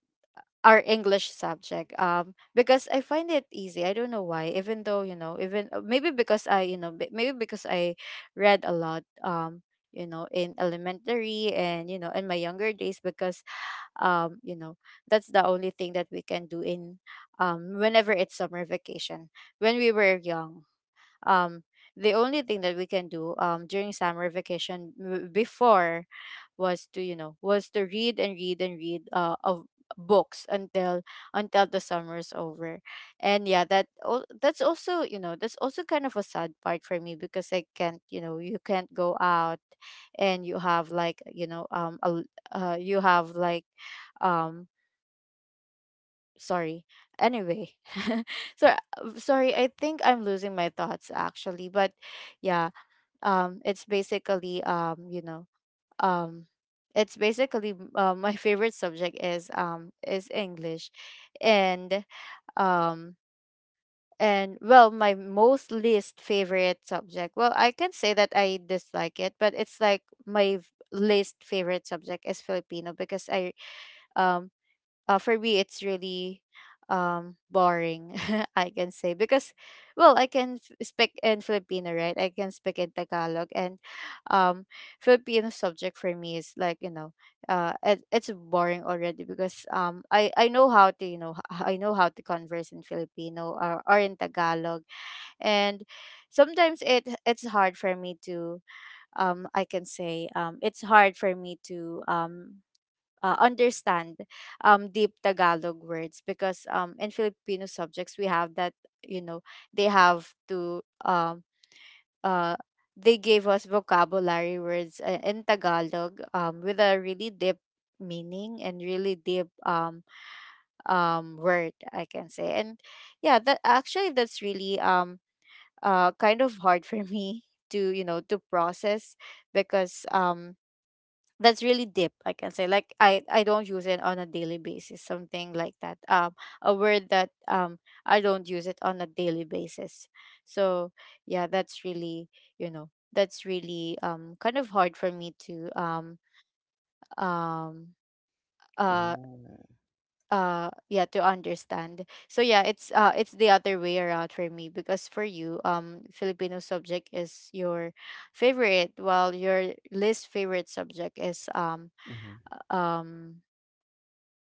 S1: our English subject, because I find it easy. I don't know why, even though even maybe because I you know b- maybe because I read a lot, in elementary and in my younger days, because um you know that's the only thing that we can do in whenever it's summer vacation when we were young. um the only thing that we can do during summer vacation before was to was to read and read and read of books until the summer's over. And yeah, that's also, that's also kind of a sad part for me, because I can't, you can't go out, and you have like, you have like um sorry, anyway *laughs* so sorry, I think I'm losing my thoughts actually, but yeah. It's basically, um it's basically my favorite subject is English. And um and well, my most least favorite subject, well, I can say that I dislike it, but it's like my least favorite subject is Filipino, because I um for me it's really boring, *laughs* I can say, because well, speak in Filipino, right? I can speak in Tagalog. And um Filipino subject for me is like, it's boring already, because I know how to, I know how to converse in Filipino, or in Tagalog. And sometimes it's hard for me to I can say, it's hard for me to understand deep Tagalog words, because in Filipino subjects we have that, you know they have to uh, they gave us vocabulary words in Tagalog with a really deep meaning and really deep word, I can say. And yeah, that actually, that's really kind of hard *laughs* for me to, to process, because that's really deep, I can say. Like I don't use it on a daily basis, something like that. A word that I don't use it on a daily basis. So yeah, that's really, that's really, kind of hard for me to um uh
S2: Oh.
S1: yeah, to understand. So yeah, it's, it's the other way around for me. Because for you, Filipino subject is your favorite, while your least favorite subject
S2: Mhm.
S1: uh, um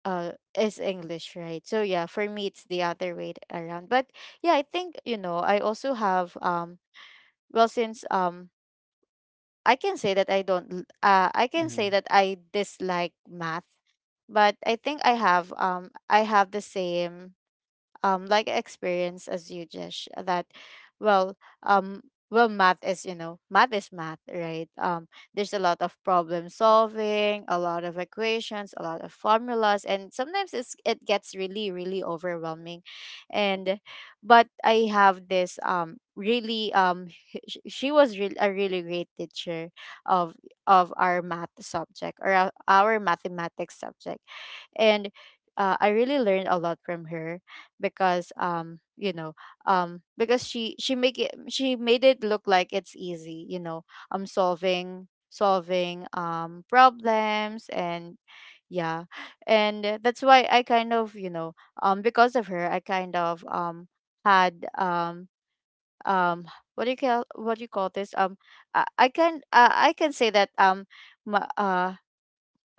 S1: uh is English, right? So yeah, for me it's the other way around. But yeah, I think, I also have, well, since I can say that I don't l- I can say
S2: Mhm.
S1: that I dislike math, but I think I have, I have the same like experience as you. Just that, well, um well, math is, math is math, right? There's a lot of problem solving, a lot of equations, a lot of formulas, and sometimes it gets really, really overwhelming. And but I have this, really, *laughs* she was really a really great teacher of of our math subject, or our mathematics subject. And I really learned a lot from her. Because, because she make it she made it look like it's easy, I'm solving problems. And yeah, and that's why I kind of, because of her, I kind of had um what do you call, what do you call this, I can, I can say that my, uh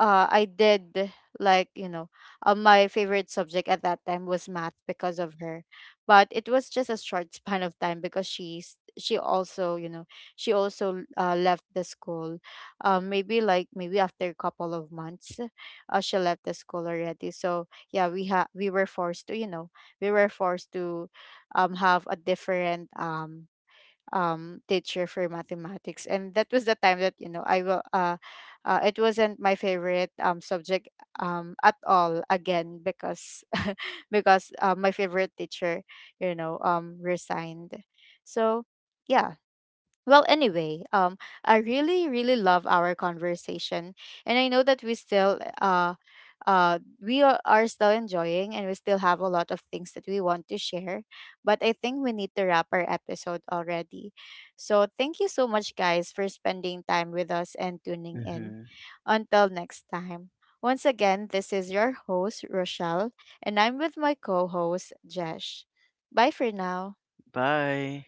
S1: I did, like, my favorite subject at that time was math because of her. But it was just a short *laughs* span of time, because she also, she also left the school maybe, like, maybe after a couple of months, she left the school already. So yeah, we were forced to, we were forced to have a different teacher for mathematics. And that was the time that, I will. It wasn't my favorite subject at all again, because *laughs* because my favorite teacher, you know, resigned. So yeah, well, anyway, I really, really love our conversation, and I know that we still, we are still enjoying, and we still have a lot of things that we want to share. But I think we need to wrap our episode already. So thank you so much, guys, for spending time with us and tuning in.
S2: Mhm.
S1: Until next time. Once again, this is your host Rochelle, and I'm with my co-host Jesh. Bye for now.
S2: Bye.